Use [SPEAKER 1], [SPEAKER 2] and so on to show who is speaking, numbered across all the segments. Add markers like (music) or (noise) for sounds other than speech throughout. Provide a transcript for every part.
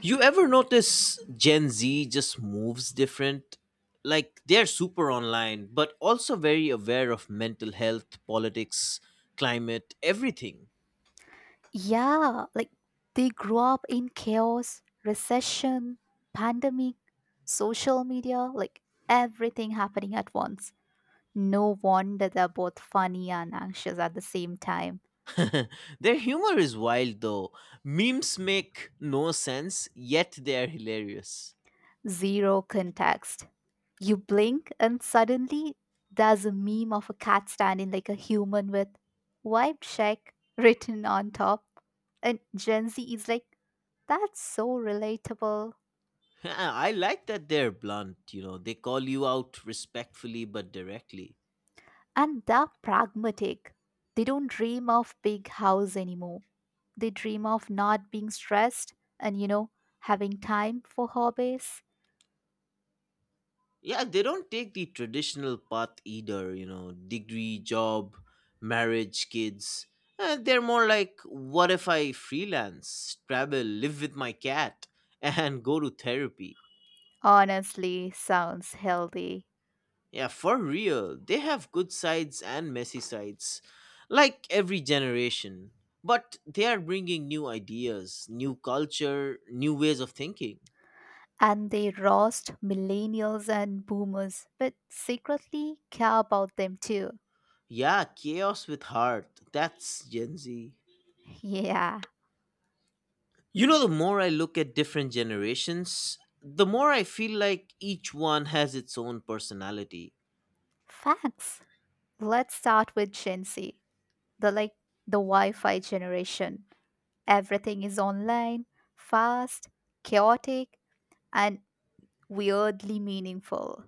[SPEAKER 1] You ever notice Gen Z just moves different? Like they're super online, but also very aware of mental health, politics, climate, everything.
[SPEAKER 2] Yeah, like they grew up in chaos, recession, pandemic, social media, like everything happening at once. No wonder they're both funny and anxious at the same time.
[SPEAKER 1] (laughs) Their humor is wild though. Memes make no sense, yet they're hilarious. (laughs)
[SPEAKER 2] Zero context. You blink, and suddenly there's a meme of a cat standing like a human with wipe check written on top. And Gen Z is like, that's so relatable.
[SPEAKER 1] Yeah, I like that they're blunt, you know, they call you out respectfully but directly.
[SPEAKER 2] And they're pragmatic. They don't dream of big house anymore. They dream of not being stressed and having time for hobbies.
[SPEAKER 1] Yeah, they don't take the traditional path either, you know, degree, job, marriage, kids. They're more like, what if I freelance, travel, live with my cat, (laughs) and go to therapy?
[SPEAKER 2] Honestly, sounds healthy.
[SPEAKER 1] Yeah, for real, they have good sides and messy sides, like every generation. But they are bringing new ideas, new culture, new ways of thinking.
[SPEAKER 2] And they roast millennials and boomers, but secretly care about them too.
[SPEAKER 1] Yeah, chaos with heart. That's Gen Z.
[SPEAKER 2] Yeah,
[SPEAKER 1] You know, the more I look at different generations, the more I feel like each one has its own personality.
[SPEAKER 2] facts. Let's start with Gen Z. The like the Wi-Fi generation. Everything is online, fast, chaotic, and weirdly meaningful.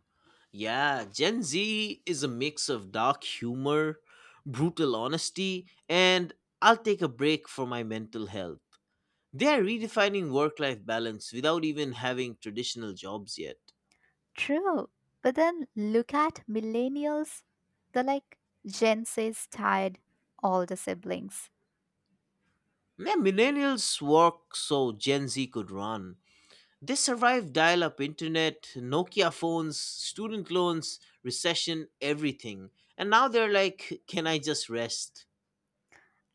[SPEAKER 1] Yeah, Gen Z is a mix of dark humor, brutal honesty, and I'll take a break for my mental health. They are redefining work life balance without even having traditional jobs yet.
[SPEAKER 2] True. But then look at millennials. They're like Gen Z is tired, all the siblings.
[SPEAKER 1] Yeah, millennials work so Gen Z could run. They survived dial up internet, Nokia phones, student loans, recession, everything. And now they're like, can I just rest?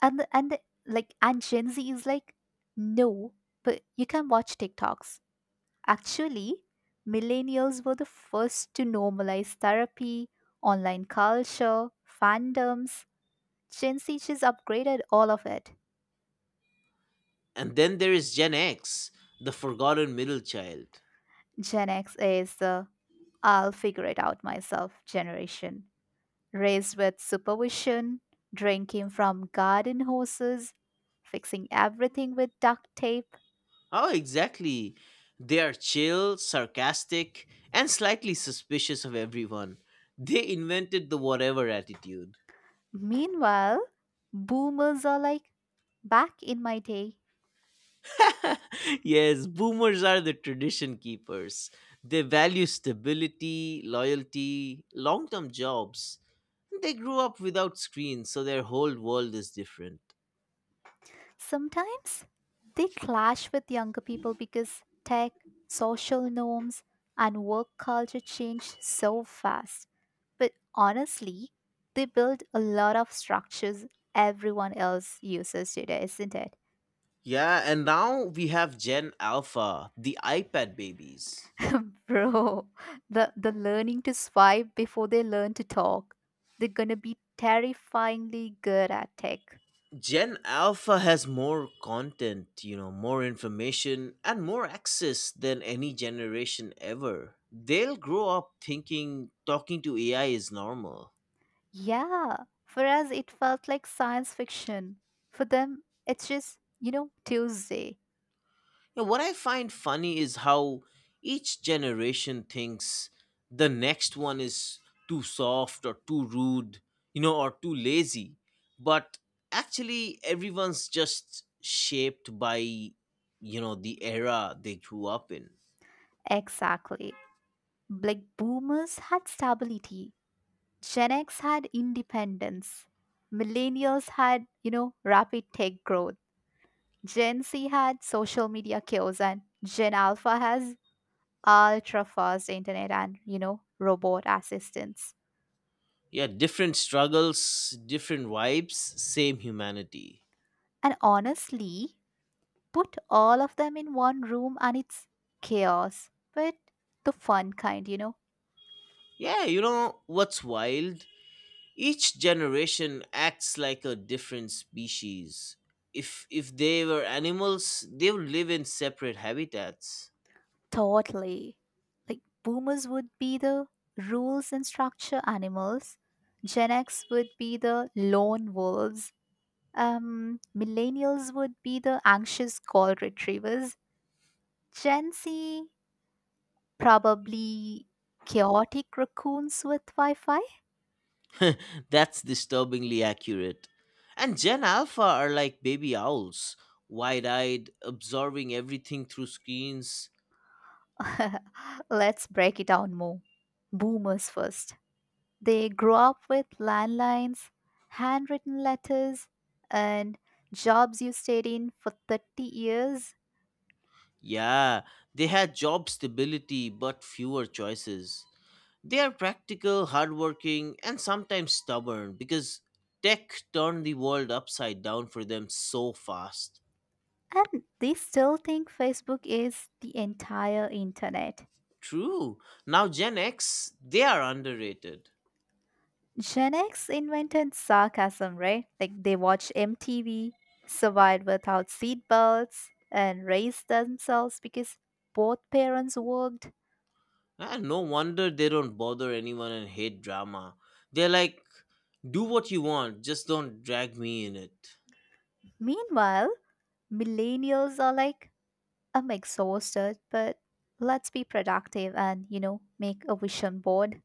[SPEAKER 2] And the, and the, and Gen Z is like, no, but you can watch TikToks. Actually, millennials were the first to normalize therapy, online culture, fandoms. Gen Z just upgraded all of it.
[SPEAKER 1] And then there is Gen X, the forgotten middle child.
[SPEAKER 2] Gen X is the I'll figure it out myself generation. Raised with supervision, drinking from garden hoses, fixing everything with duct tape.
[SPEAKER 1] How exactly? They are chill, sarcastic, and slightly suspicious of everyone. They invented the whatever attitude.
[SPEAKER 2] Meanwhile, boomers are like, back in my day.
[SPEAKER 1] Yes, boomers are the tradition keepers. They value stability, loyalty, long term jobs. They grew up without screens, so their whole world is different.
[SPEAKER 2] Sometimes they clash with younger people because tech, social norms, and work culture change so fast. But honestly, they build a lot of structures everyone else uses today, isn't it?
[SPEAKER 1] Yeah, and now we have Gen Alpha, the iPad babies.
[SPEAKER 2] (laughs) Bro, the learning to swipe before they learn to talk. They're gonna be terrifyingly good at tech.
[SPEAKER 1] Gen Alpha has more content, you know, more information, and more access than any generation ever. They'll grow up thinking talking to AI is normal.
[SPEAKER 2] Yeah, for us it felt like science fiction. For them, it's just Tuesday.
[SPEAKER 1] Yeah, what I find funny is how each generation thinks the next one is too soft or too rude, you know, or too lazy. But actually, everyone's just shaped by, you know, the era they grew up in.
[SPEAKER 2] Exactly. Like boomers had stability. Gen X had independence. Millennials had rapid tech growth. Gen Z had social media chaos, and Gen Alpha has ultra fast internet and robot assistants.
[SPEAKER 1] Yeah, different struggles, different vibes, same humanity.
[SPEAKER 2] And honestly, put all of them in one room and it's chaos, but the fun kind.
[SPEAKER 1] Yeah, you know, what's wild? Each generation acts like a different species. If they were animals, they would live in separate habitats.
[SPEAKER 2] Totally, like boomers would be the rules and structure animals. Gen X would be the lone wolves. Millennials would be the anxious call retrievers. Gen Z, probably chaotic raccoons with Wi-Fi.
[SPEAKER 1] (laughs) That's disturbingly accurate. And Gen Alpha are like baby owls, wide-eyed, absorbing everything through screens.
[SPEAKER 2] (laughs) Let's break it down more. Boomers first. They grew up with landlines, handwritten letters, and jobs you stayed in for 30 years.
[SPEAKER 1] Yeah, they had job stability but fewer choices. They are practical, hardworking, and sometimes stubborn because tech turned the world upside down for them so fast.
[SPEAKER 2] And they still think Facebook is the entire internet.
[SPEAKER 1] True. Now Gen X, they are underrated.
[SPEAKER 2] Gen X invented sarcasm, right? Like they watched MTV, survived without seatbelts, and raised themselves because both parents worked.
[SPEAKER 1] And no wonder they don't bother anyone and hate drama. They're like, do what you want, just don't drag me in it.
[SPEAKER 2] Meanwhile, millennials are like I'm exhausted, but let's be productive and make a vision board.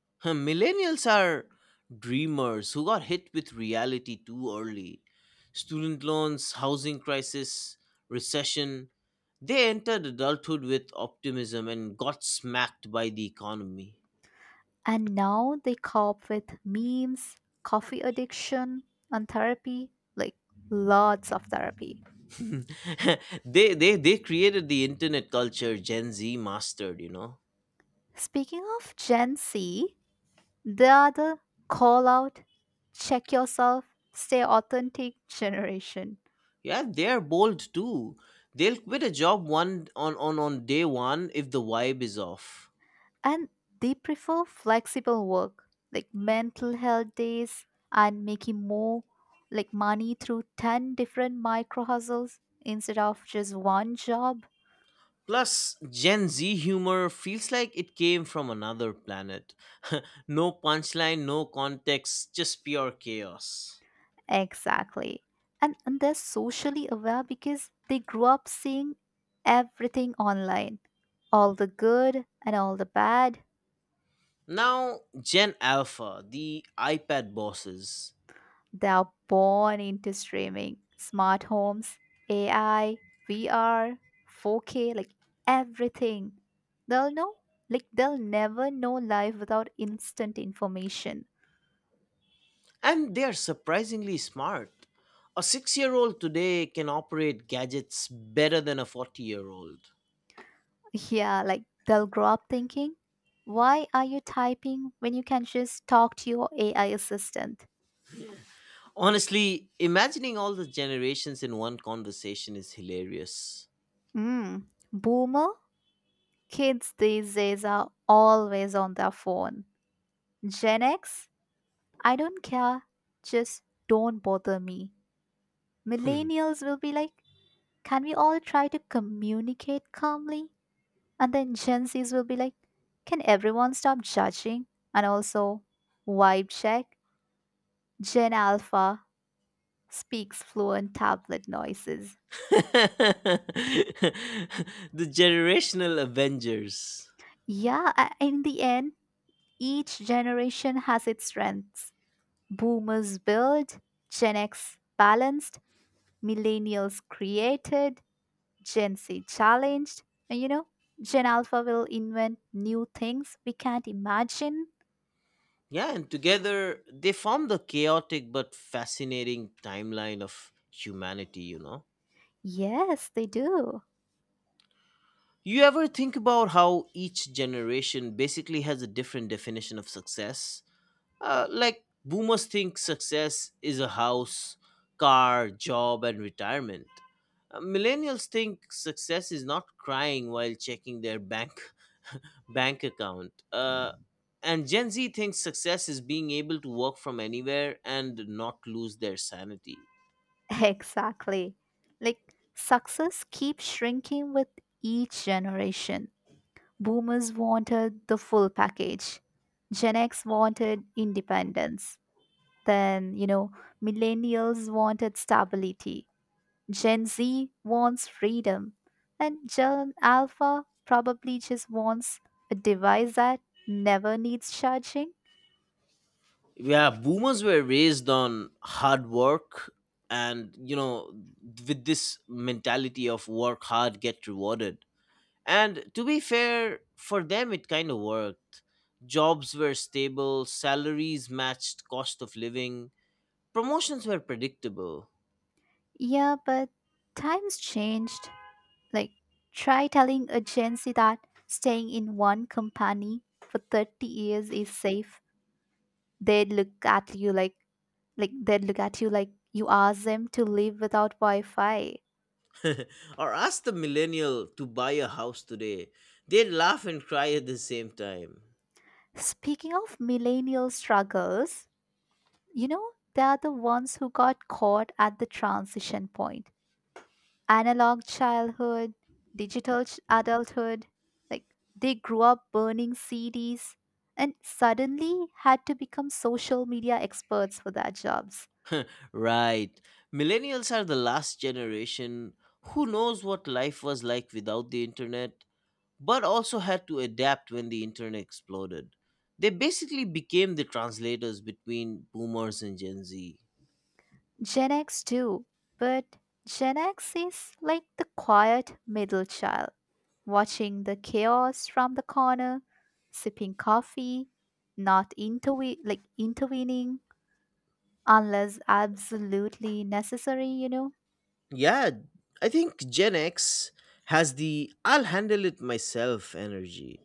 [SPEAKER 1] (laughs) Millennials are dreamers who got hit with reality too early. Student loans, housing crisis, recession. They entered adulthood with optimism and got smacked by the economy.
[SPEAKER 2] And now they cope with memes, coffee addiction, and therapy, like lots of therapy.
[SPEAKER 1] (laughs) They created the internet culture Gen Z mastered, you know.
[SPEAKER 2] Speaking of Gen Z, they are the call out, check yourself, stay authentic generation.
[SPEAKER 1] Yeah, they're bold too. They'll quit a job on day one if the vibe is off.
[SPEAKER 2] And they prefer flexible work, like mental health days, and making more like money through 10 different micro hustles instead of just one job.
[SPEAKER 1] Plus, Gen Z humor feels like it came from another planet. (laughs) No punchline, no context, just pure chaos.
[SPEAKER 2] Exactly. And they're socially aware because they grew up seeing everything online, all the good and all the bad.
[SPEAKER 1] Now, Gen Alpha, the iPad bosses.
[SPEAKER 2] They're born into streaming, smart homes, AI, VR, 4K, like everything. They'll know, they'll never know life without instant information.
[SPEAKER 1] And they are surprisingly smart. A 6-year old today can operate gadgets better than a 40-year-old.
[SPEAKER 2] Yeah, like, they'll grow up thinking, why are you typing when you can just talk to your AI assistant?
[SPEAKER 1] Honestly, imagining all the generations in one conversation is hilarious.
[SPEAKER 2] Mm. Boomer, kids these days are always on their phone. Gen X, I don't care, just don't bother me.
[SPEAKER 1] Hmm.
[SPEAKER 2] Millennials will be like, can we all try to communicate calmly? And then Gen Zs will be like, can everyone stop judging? And also, vibe check. Gen Alpha speaks fluent tablet noises.
[SPEAKER 1] (laughs) The generational Avengers.
[SPEAKER 2] Yeah, in the end, each generation has its strengths. Boomers build, Gen X balanced, millennials created, Gen Z challenged, and Gen Alpha will invent new things we can't imagine.
[SPEAKER 1] Yeah, and together they form the chaotic but fascinating timeline of humanity, you know?
[SPEAKER 2] Yes, they do.
[SPEAKER 1] You ever think about how each generation basically has a different definition of success? Like boomers think success is a house, car, job, and retirement. Millennials think success is not crying while checking their bank (laughs) bank account. And Gen Z thinks success is being able to work from anywhere and not lose their sanity.
[SPEAKER 2] (laughs) Exactly. Like success keeps shrinking with each generation. Boomers wanted the full package. Gen X wanted independence. Then millennials wanted stability. Gen Z wants freedom, and Gen Alpha probably just wants a device that never needs charging.
[SPEAKER 1] Yeah, boomers were raised on hard work and you know with this mentality of work hard get rewarded. And to be fair, for them it kind of worked. Jobs were stable, salaries matched cost of living, promotions were predictable.
[SPEAKER 2] Yeah, but times changed. Like, try telling a Gen Z that staying in one company for 30 years is safe. They'd look at you like they'd look at you like you asked them to live without Wi-Fi.
[SPEAKER 1] (laughs) Or ask the millennial to buy a house today. They'd laugh and cry at the same time.
[SPEAKER 2] Speaking of millennial struggles, You know, they are the ones who got caught at the transition point. Analog childhood, digital adulthood, like they grew up burning CDs and suddenly had to become social media experts for their jobs.
[SPEAKER 1] Right. Millennials are the last generation who knows what life was like without the internet, but also had to adapt when the internet exploded. They basically became the translators between boomers and Gen Z.
[SPEAKER 2] Gen X too, but Gen X is like the quiet middle child, watching the chaos from the corner, sipping coffee, not like intervening unless absolutely necessary.
[SPEAKER 1] Yeah, I think Gen X has the I'll handle it myself energy.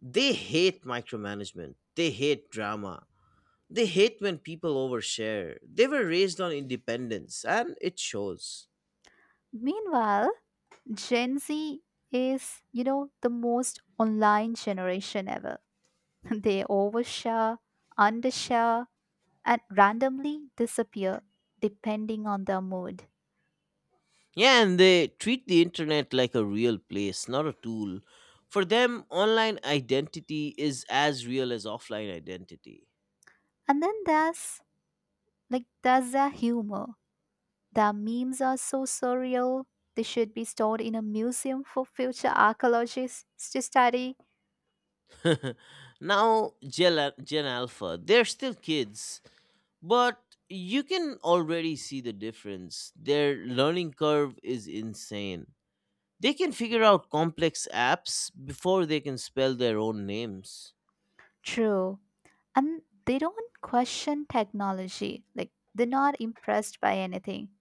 [SPEAKER 1] They hate micromanagement. They hate drama. They hate when people overshare. They were raised on independence and it shows.
[SPEAKER 2] Meanwhile, Gen Z is the most online generation ever. (laughs) They overshare, undershare, and randomly disappear depending on their mood.
[SPEAKER 1] Yeah, and they treat the internet like a real place, not a tool. For them, online identity is as real as offline identity.
[SPEAKER 2] And then there's their humor. Their memes are so surreal. They should be stored in a museum for future archaeologists to study.
[SPEAKER 1] (laughs) Now, Gen Alpha, they're still kids. But you can already see the difference. Their learning curve is insane. They can figure out complex apps before they can spell their own names.
[SPEAKER 2] True. And they don't question technology, like they're not impressed by anything.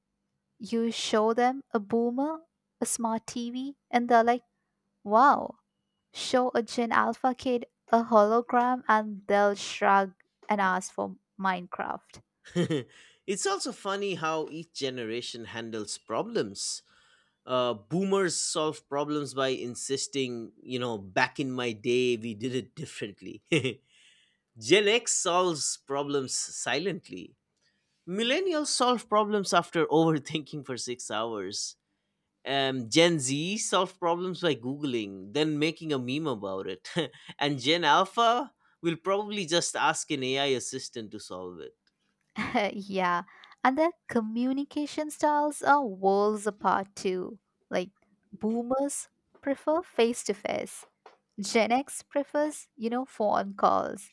[SPEAKER 2] You show them a boomer a smart TV and they're like, wow. Show a Gen Alpha kid a hologram and they'll shrug and ask for Minecraft.
[SPEAKER 1] (laughs) It's also funny how each generation handles problems. Boomers solve problems by insisting, you know, back in my day we did it differently. (laughs) Gen X solves problems silently. Millennials solve problems after (laughs) overthinking for 6 hours. Gen Z solve problems by Googling, then making a meme about it. (laughs) And Gen Alpha will probably just ask an AI assistant to solve it.
[SPEAKER 2] (laughs) Yeah, and their communication styles are worlds apart too, like boomers prefer face to face. Gen X prefers phone calls.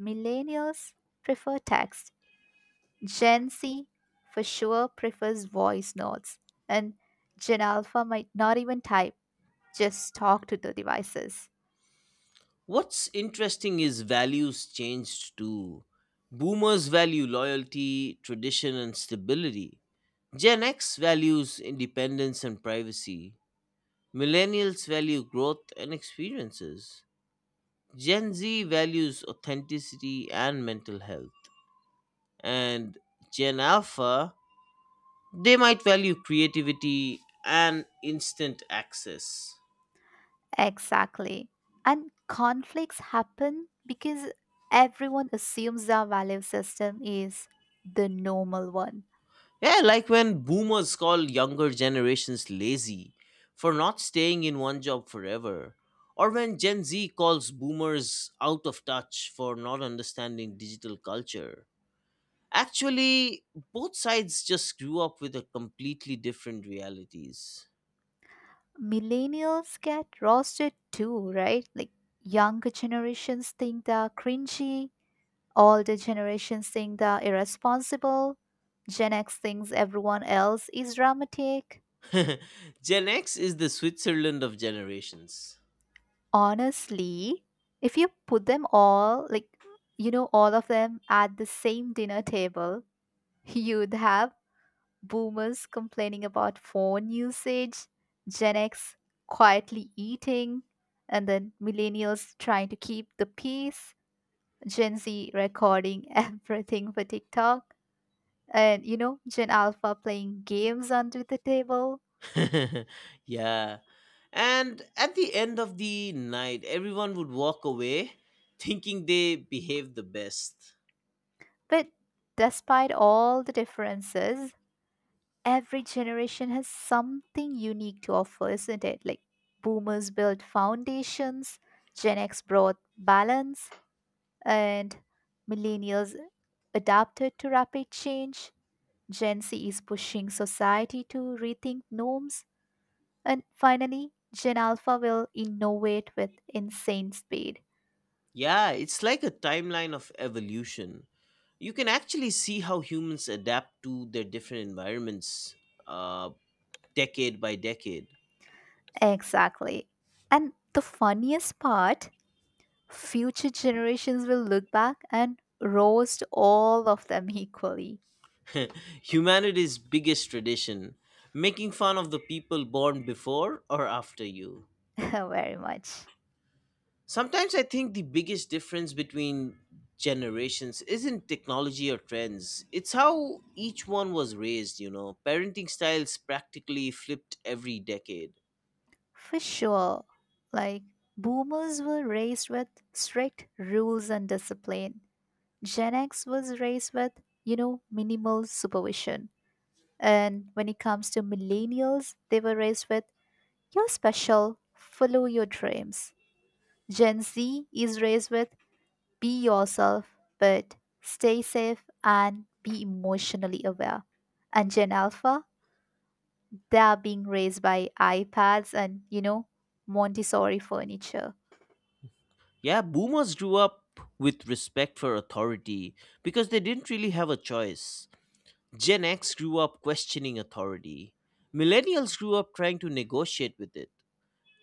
[SPEAKER 2] Millennials prefer text. Gen Z for sure prefers voice notes. And Gen Alpha might not even type, just talk to the devices.
[SPEAKER 1] What's interesting is values changed too. Boomers value loyalty, tradition, and stability. Gen X values independence and privacy. Millennials value growth and experiences. Gen Z values authenticity and mental health. And Gen Alpha, they might value creativity and instant access.
[SPEAKER 2] Exactly. And conflicts happen because everyone assumes our value system is the normal one.
[SPEAKER 1] Yeah, like when boomers call younger generations lazy for not staying in one job forever, or when Gen Z calls boomers out of touch for not understanding digital culture. Actually, both sides just grew up with a completely different realities.
[SPEAKER 2] Millennials get roasted too, right? Like younger generations think they're cringy. Older generations think they're irresponsible. Gen X thinks everyone else is dramatic.
[SPEAKER 1] (laughs) Gen X is the Switzerland of generations.
[SPEAKER 2] Honestly, if you put them all, like, all of them at the same dinner table, you'd have boomers complaining about phone usage, Gen X quietly eating, and then millennials trying to keep the peace, Gen Z recording (laughs) everything for TikTok. And Gen Alpha playing games under the table.
[SPEAKER 1] (laughs) Yeah. And at the end of the night, everyone would walk away (laughs) thinking they behaved the best.
[SPEAKER 2] But despite all the differences, every generation has something unique to offer, isn't it? Like boomers built foundations, Gen X brought balance, and millennials adapted to rapid change. Gen Z is pushing society to rethink norms, and finally, Gen Alpha will innovate with insane speed.
[SPEAKER 1] Yeah, it's like a timeline of evolution. You can actually see how humans adapt to their different environments uh, decade by decade.
[SPEAKER 2] Exactly. And the funniest part, future generations will look back and roast all of them equally.
[SPEAKER 1] (laughs) Humanity's biggest tradition: making fun of the people born before or after you.
[SPEAKER 2] (laughs) Very much.
[SPEAKER 1] Sometimes I think the biggest difference between generations isn't technology or trends. It's how each one was raised, you know. Parenting styles practically flipped every decade.
[SPEAKER 2] For sure. Like, boomers were raised with strict rules and discipline. Gen X was raised with minimal supervision. And when it comes to millennials, they were raised with, you're special, follow your dreams. Gen Z is raised with, be yourself, but stay safe and be emotionally aware. And Gen Alpha, they are being raised by iPads and Montessori furniture.
[SPEAKER 1] Yeah, boomers grew up with respect for authority because they didn't really have a choice. Gen X grew up questioning authority. Millennials grew up trying to negotiate with it.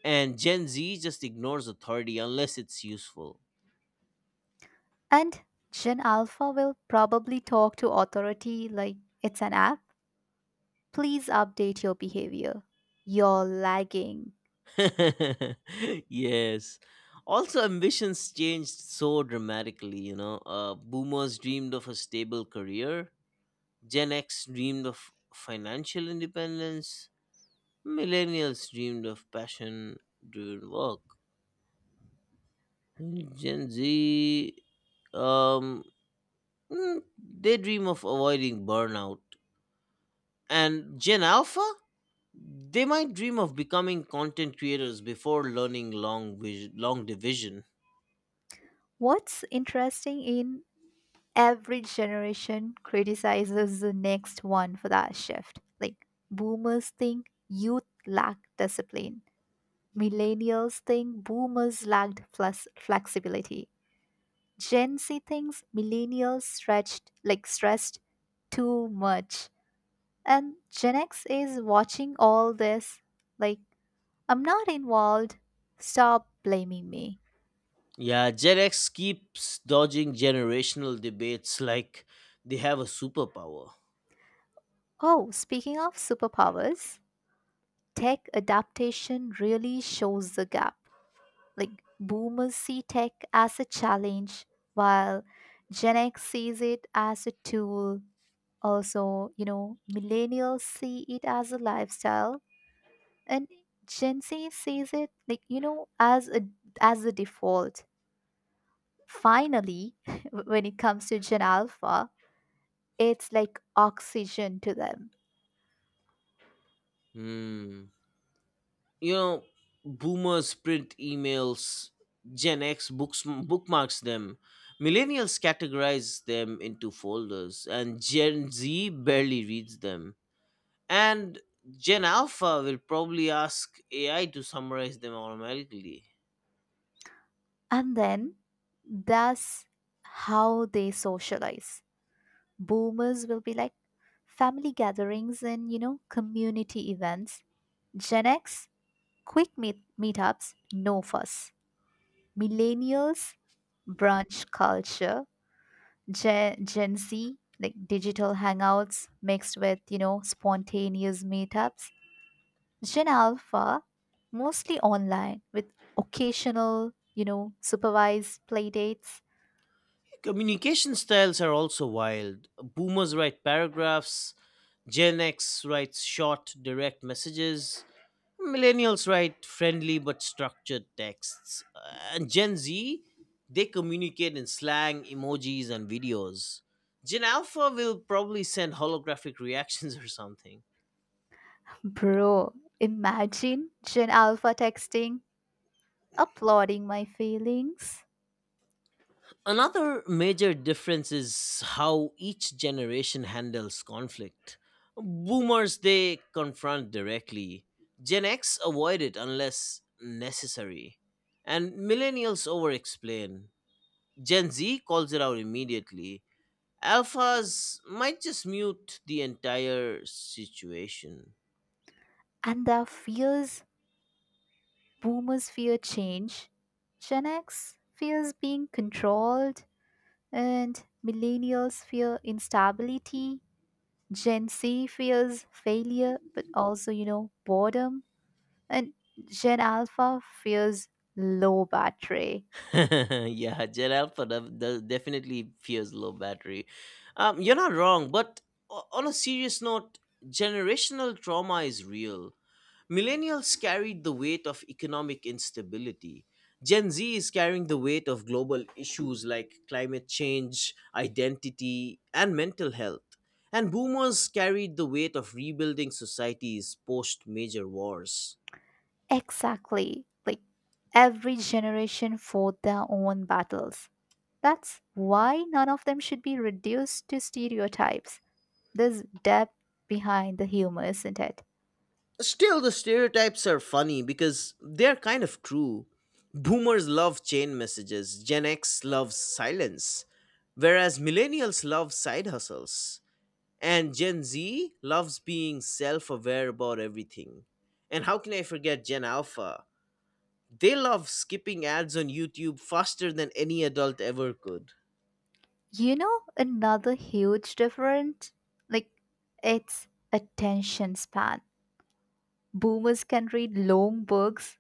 [SPEAKER 1] And Gen Z just ignores authority unless it's useful.
[SPEAKER 2] And Gen Alpha will probably talk to authority like it's an app. Please update your behavior. You're lagging.
[SPEAKER 1] (laughs) Yes. Also, ambitions changed so dramatically, you know. Boomers dreamed of a stable career, Gen X dreamed of financial independence, millennials dreamed of passion driven work. Gen Z, um, mm, they dream of avoiding burnout. And Gen Alpha? They might dream of becoming content creators before learning long division.
[SPEAKER 2] What's interesting, in every generation criticizes the next one for that shift. Like boomers think youth lack discipline. Millennials think boomers lacked flexibility. Gen Z thinks millennials stretched like stressed too much. And Gen X is watching all this like, I'm not involved. Stop blaming me.
[SPEAKER 1] Yeah, Gen X keeps dodging generational debates like they have a superpower.
[SPEAKER 2] Oh, speaking of superpowers, tech adaptation really shows the gap. Like boomers see tech as a challenge, while Gen X sees it as a tool. Also, millennials see it as a lifestyle, and Gen Z sees it like, as a default. Finally, (laughs) when it comes to Gen Alpha, it's like oxygen to them.
[SPEAKER 1] Hmm. You know, boomers print emails, Gen X books bookmarks them. Millennials categorize them into folders, and Gen Z barely reads them. And Gen Alpha will probably ask AI to summarize them automatically.
[SPEAKER 2] And then that's how they socialize. Boomers will be like family gatherings and community events. Gen X, quick meetups, no fuss. Millennials, brunch culture. Gen Z, like digital hangouts mixed with spontaneous meetups. Gen Alpha, mostly online with occasional supervised playdates.
[SPEAKER 1] Communication styles are also wild. Boomers write paragraphs, Gen X writes short, direct messages. Millennials write friendly but structured texts. And Gen Z, they communicate in slang, emojis, and videos. Gen Alpha will probably send holographic reactions (laughs) or something.
[SPEAKER 2] Bro, imagine Gen Alpha texting, applauding my feelings.
[SPEAKER 1] Another major difference is how each generation handles conflict. Boomers, they confront directly. Gen X avoid it unless necessary. And millennials over explain. Gen Z calls it out immediately. Alphas might just mute the entire situation.
[SPEAKER 2] And their fears, boomers fear change. Gen X fears being controlled. And millennials fear instability. Gen Z fears failure, but also boredom. And Gen Alpha fears low battery.
[SPEAKER 1] (laughs) Yeah, Gen Alpha definitely fears low battery. You're not wrong, but on a serious note, generational trauma is real. Millennials carried the weight of economic instability. Gen Z is carrying the weight of global issues like climate change, identity, and mental health. And boomers carried the weight of rebuilding societies post major wars.
[SPEAKER 2] Exactly. Like every generation fought their own battles. That's why none of them should be reduced to stereotypes. There's depth behind the humor, isn't it?
[SPEAKER 1] Still, the stereotypes are funny because they're kind of true. Boomers love chain messages, Gen X loves silence, whereas millennials love side hustles. And Gen Z loves being self aware about everything. And how can I forget Gen Alpha? They love skipping ads on YouTube faster than any adult ever could.
[SPEAKER 2] You know, another huge difference? Like, it's attention span. Boomers can read long books,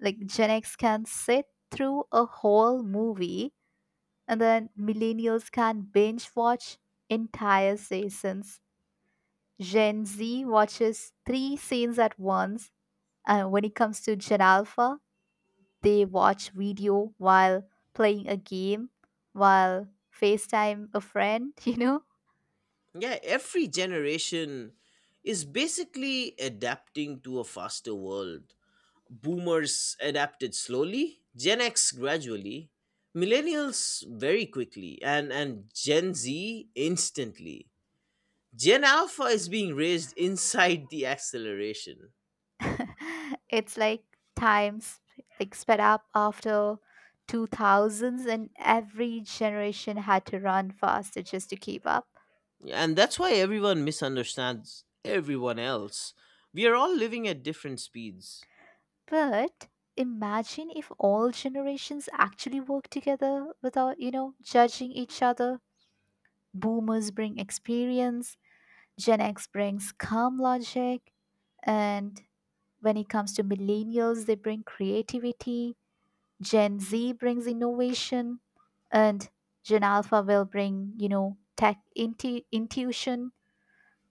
[SPEAKER 2] like Gen X can sit through a whole movie, and then millennials can binge watch entire seasons. Gen Z watches three scenes at once, and when it comes to Gen Alpha, they watch video while playing a game, while FaceTime a friend, (laughs) you know?
[SPEAKER 1] Yeah, every generation is basically adapting to a faster world. Boomers adapted slowly, Gen X gradually, millennials very quickly, and Gen Z instantly. Gen Alpha is being raised inside the acceleration.
[SPEAKER 2] (laughs) It's like times like sped up after 2000s, and every generation had to run faster just to keep up.
[SPEAKER 1] And that's why everyone misunderstands everyone else. We are all living at different speeds.
[SPEAKER 2] But imagine if all generations actually work together without judging each other. Boomers bring experience. Gen X brings calm logic. And when it comes to millennials, they bring creativity. Gen Z brings innovation, and Gen Alpha will bring tech intuition.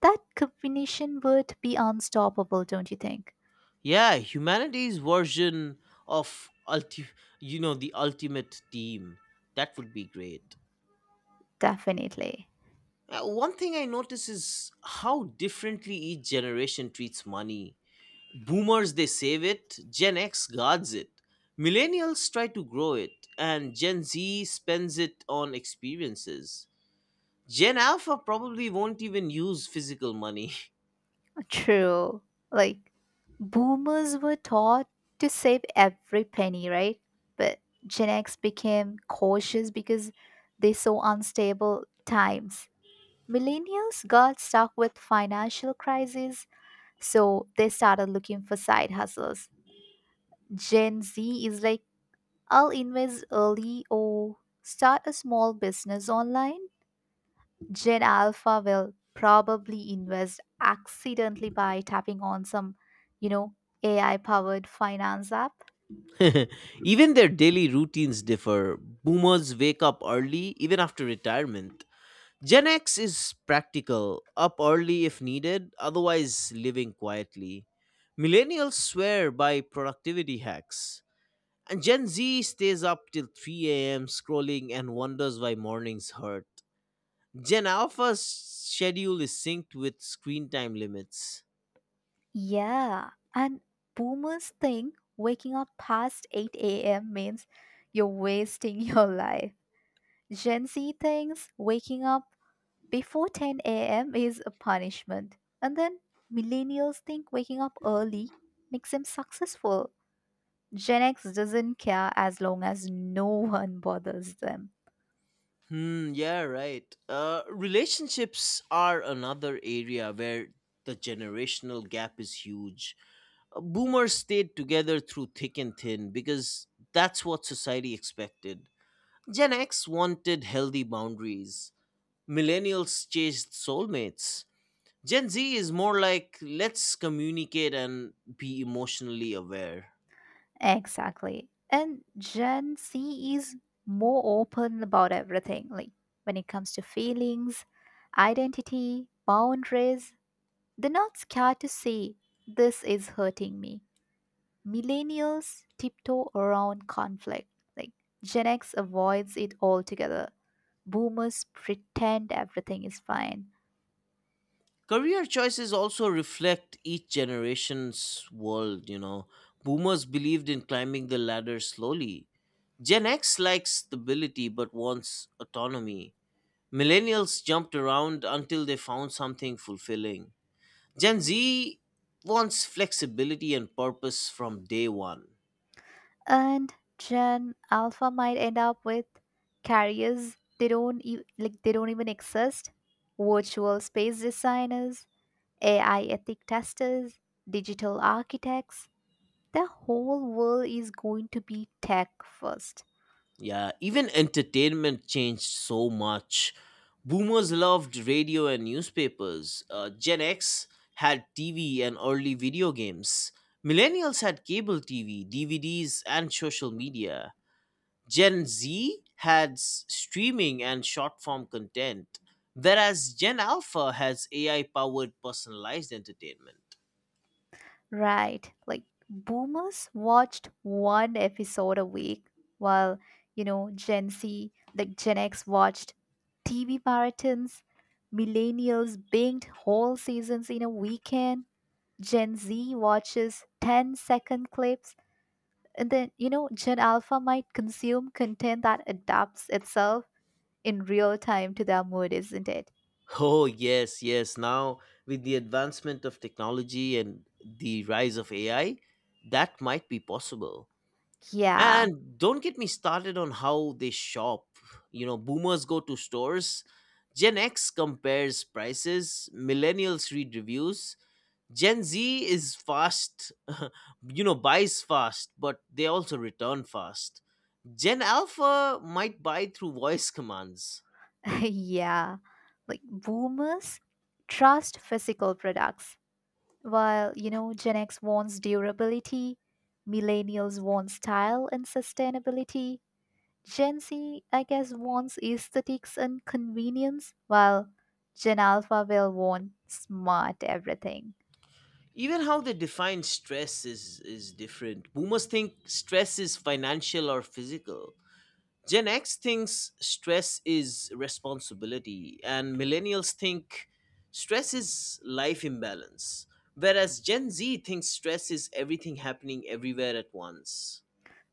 [SPEAKER 2] That combination would be unstoppable, don't you think?
[SPEAKER 1] Yeah, humanity's version of you know the ultimate team. That would be great.
[SPEAKER 2] Definitely.
[SPEAKER 1] One thing I notice is how differently each generation treats money. Boomers they save it, Gen X guards it. Millennials try to grow it and Gen Z spends it on experiences. Gen Alpha probably won't even use physical money. (laughs)
[SPEAKER 2] True. Like, boomers were taught to save every penny, right? But Gen X became cautious because they saw unstable times. Millennials got stuck with financial crises, so they started looking for side hustles. Gen Z is like, I'll invest early or start a small business online. Gen Alpha will probably invest accidentally by tapping on some, you know, AI powered finance app.
[SPEAKER 1] (laughs) Even their daily routines differ. Boomers wake up early, even after retirement. Gen X is practical, up early if needed, otherwise, living quietly. Millennials swear by productivity hacks. And Gen Z stays up till 3 a.m. scrolling and wonders why mornings hurt. Gen Alpha's schedule is synced with screen time limits.
[SPEAKER 2] Yeah. And boomers think waking up past 8 a.m. means you're wasting (laughs) your life. Gen Z thinks waking up before 10 a.m. is a punishment. And then millennials think waking up early makes them successful. Gen X doesn't care as long as no one bothers them.
[SPEAKER 1] Hmm, yeah, right. Relationships are another area where the generational gap is huge. Boomers stayed together through thick and thin because that's what society expected. Gen X wanted healthy boundaries. Millennials chased soulmates. Gen Z is more like let's communicate and be emotionally aware.
[SPEAKER 2] Exactly. And Gen C is more open about everything, like when it comes to feelings, identity, boundaries. They're not scared to say, this is hurting me. Millennials tiptoe around conflict. Like Gen X avoids it altogether. Boomers pretend everything is fine.
[SPEAKER 1] Career choices also reflect each generation's world, you know. Boomers believed in climbing the ladder slowly. Gen X likes stability but wants autonomy. Millennials jumped around until they found something fulfilling. Gen Z wants flexibility and purpose from day one.
[SPEAKER 2] And Gen Alpha might end up with carriers they don't e- like they don't even exist, virtual space designers, AI ethic testers, digital architects. The whole world is going to be tech first.
[SPEAKER 1] Yeah, even entertainment changed so much. Boomers loved radio and newspapers. Gen X had TV and early video games. Millennials had cable TV, DVDs, and social media. Gen Z had streaming and short form content, whereas Gen Alpha has AI powered personalized entertainment.
[SPEAKER 2] Right. Like boomers watched one episode a week while, you know, Gen Z, like Gen X watched TV marathons, millennials binged whole seasons in a weekend, Gen Z watches 10 second clips, and then Gen Alpha might consume content that adapts itself in real time to their mood, isn't it?
[SPEAKER 1] Oh, yes, yes. Now, with the advancement of technology and the rise of AI, that might be possible.
[SPEAKER 2] Yeah.
[SPEAKER 1] And don't get me started on how they shop. You know, boomers go to stores, Gen X compares prices, millennials read reviews, Gen Z is fast, (laughs) you know, buys fast, but they also return fast. Gen Alpha might buy through voice commands.
[SPEAKER 2] (laughs) Yeah. Like boomers trust physical products. While Gen X wants durability, millennials want style and sustainability, Gen Z, I guess, wants aesthetics and convenience, while Gen Alpha will want smart everything.
[SPEAKER 1] Even how they define stress is different. Boomers think stress is financial or physical. Gen X thinks stress is responsibility, and millennials think stress is life imbalance, whereas Gen Z thinks stress is everything happening everywhere at once.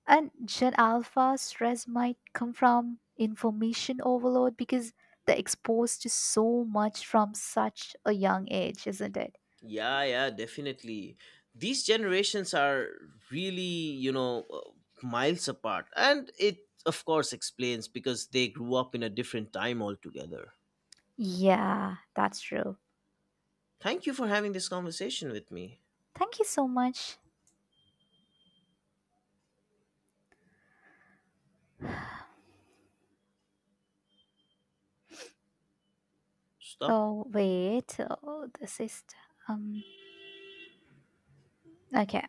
[SPEAKER 2] And Gen Alpha stress might come from information overload because they're exposed to so much from such a young age, isn't it?
[SPEAKER 1] Yeah, definitely, these generations are really, you know, miles apart, and it of course explains because they grew up in a different time altogether.
[SPEAKER 2] Yeah, that's true.
[SPEAKER 1] Thank you for having this conversation with me.
[SPEAKER 2] Thank you so much.
[SPEAKER 1] Stop.
[SPEAKER 2] Oh wait, this is um okay.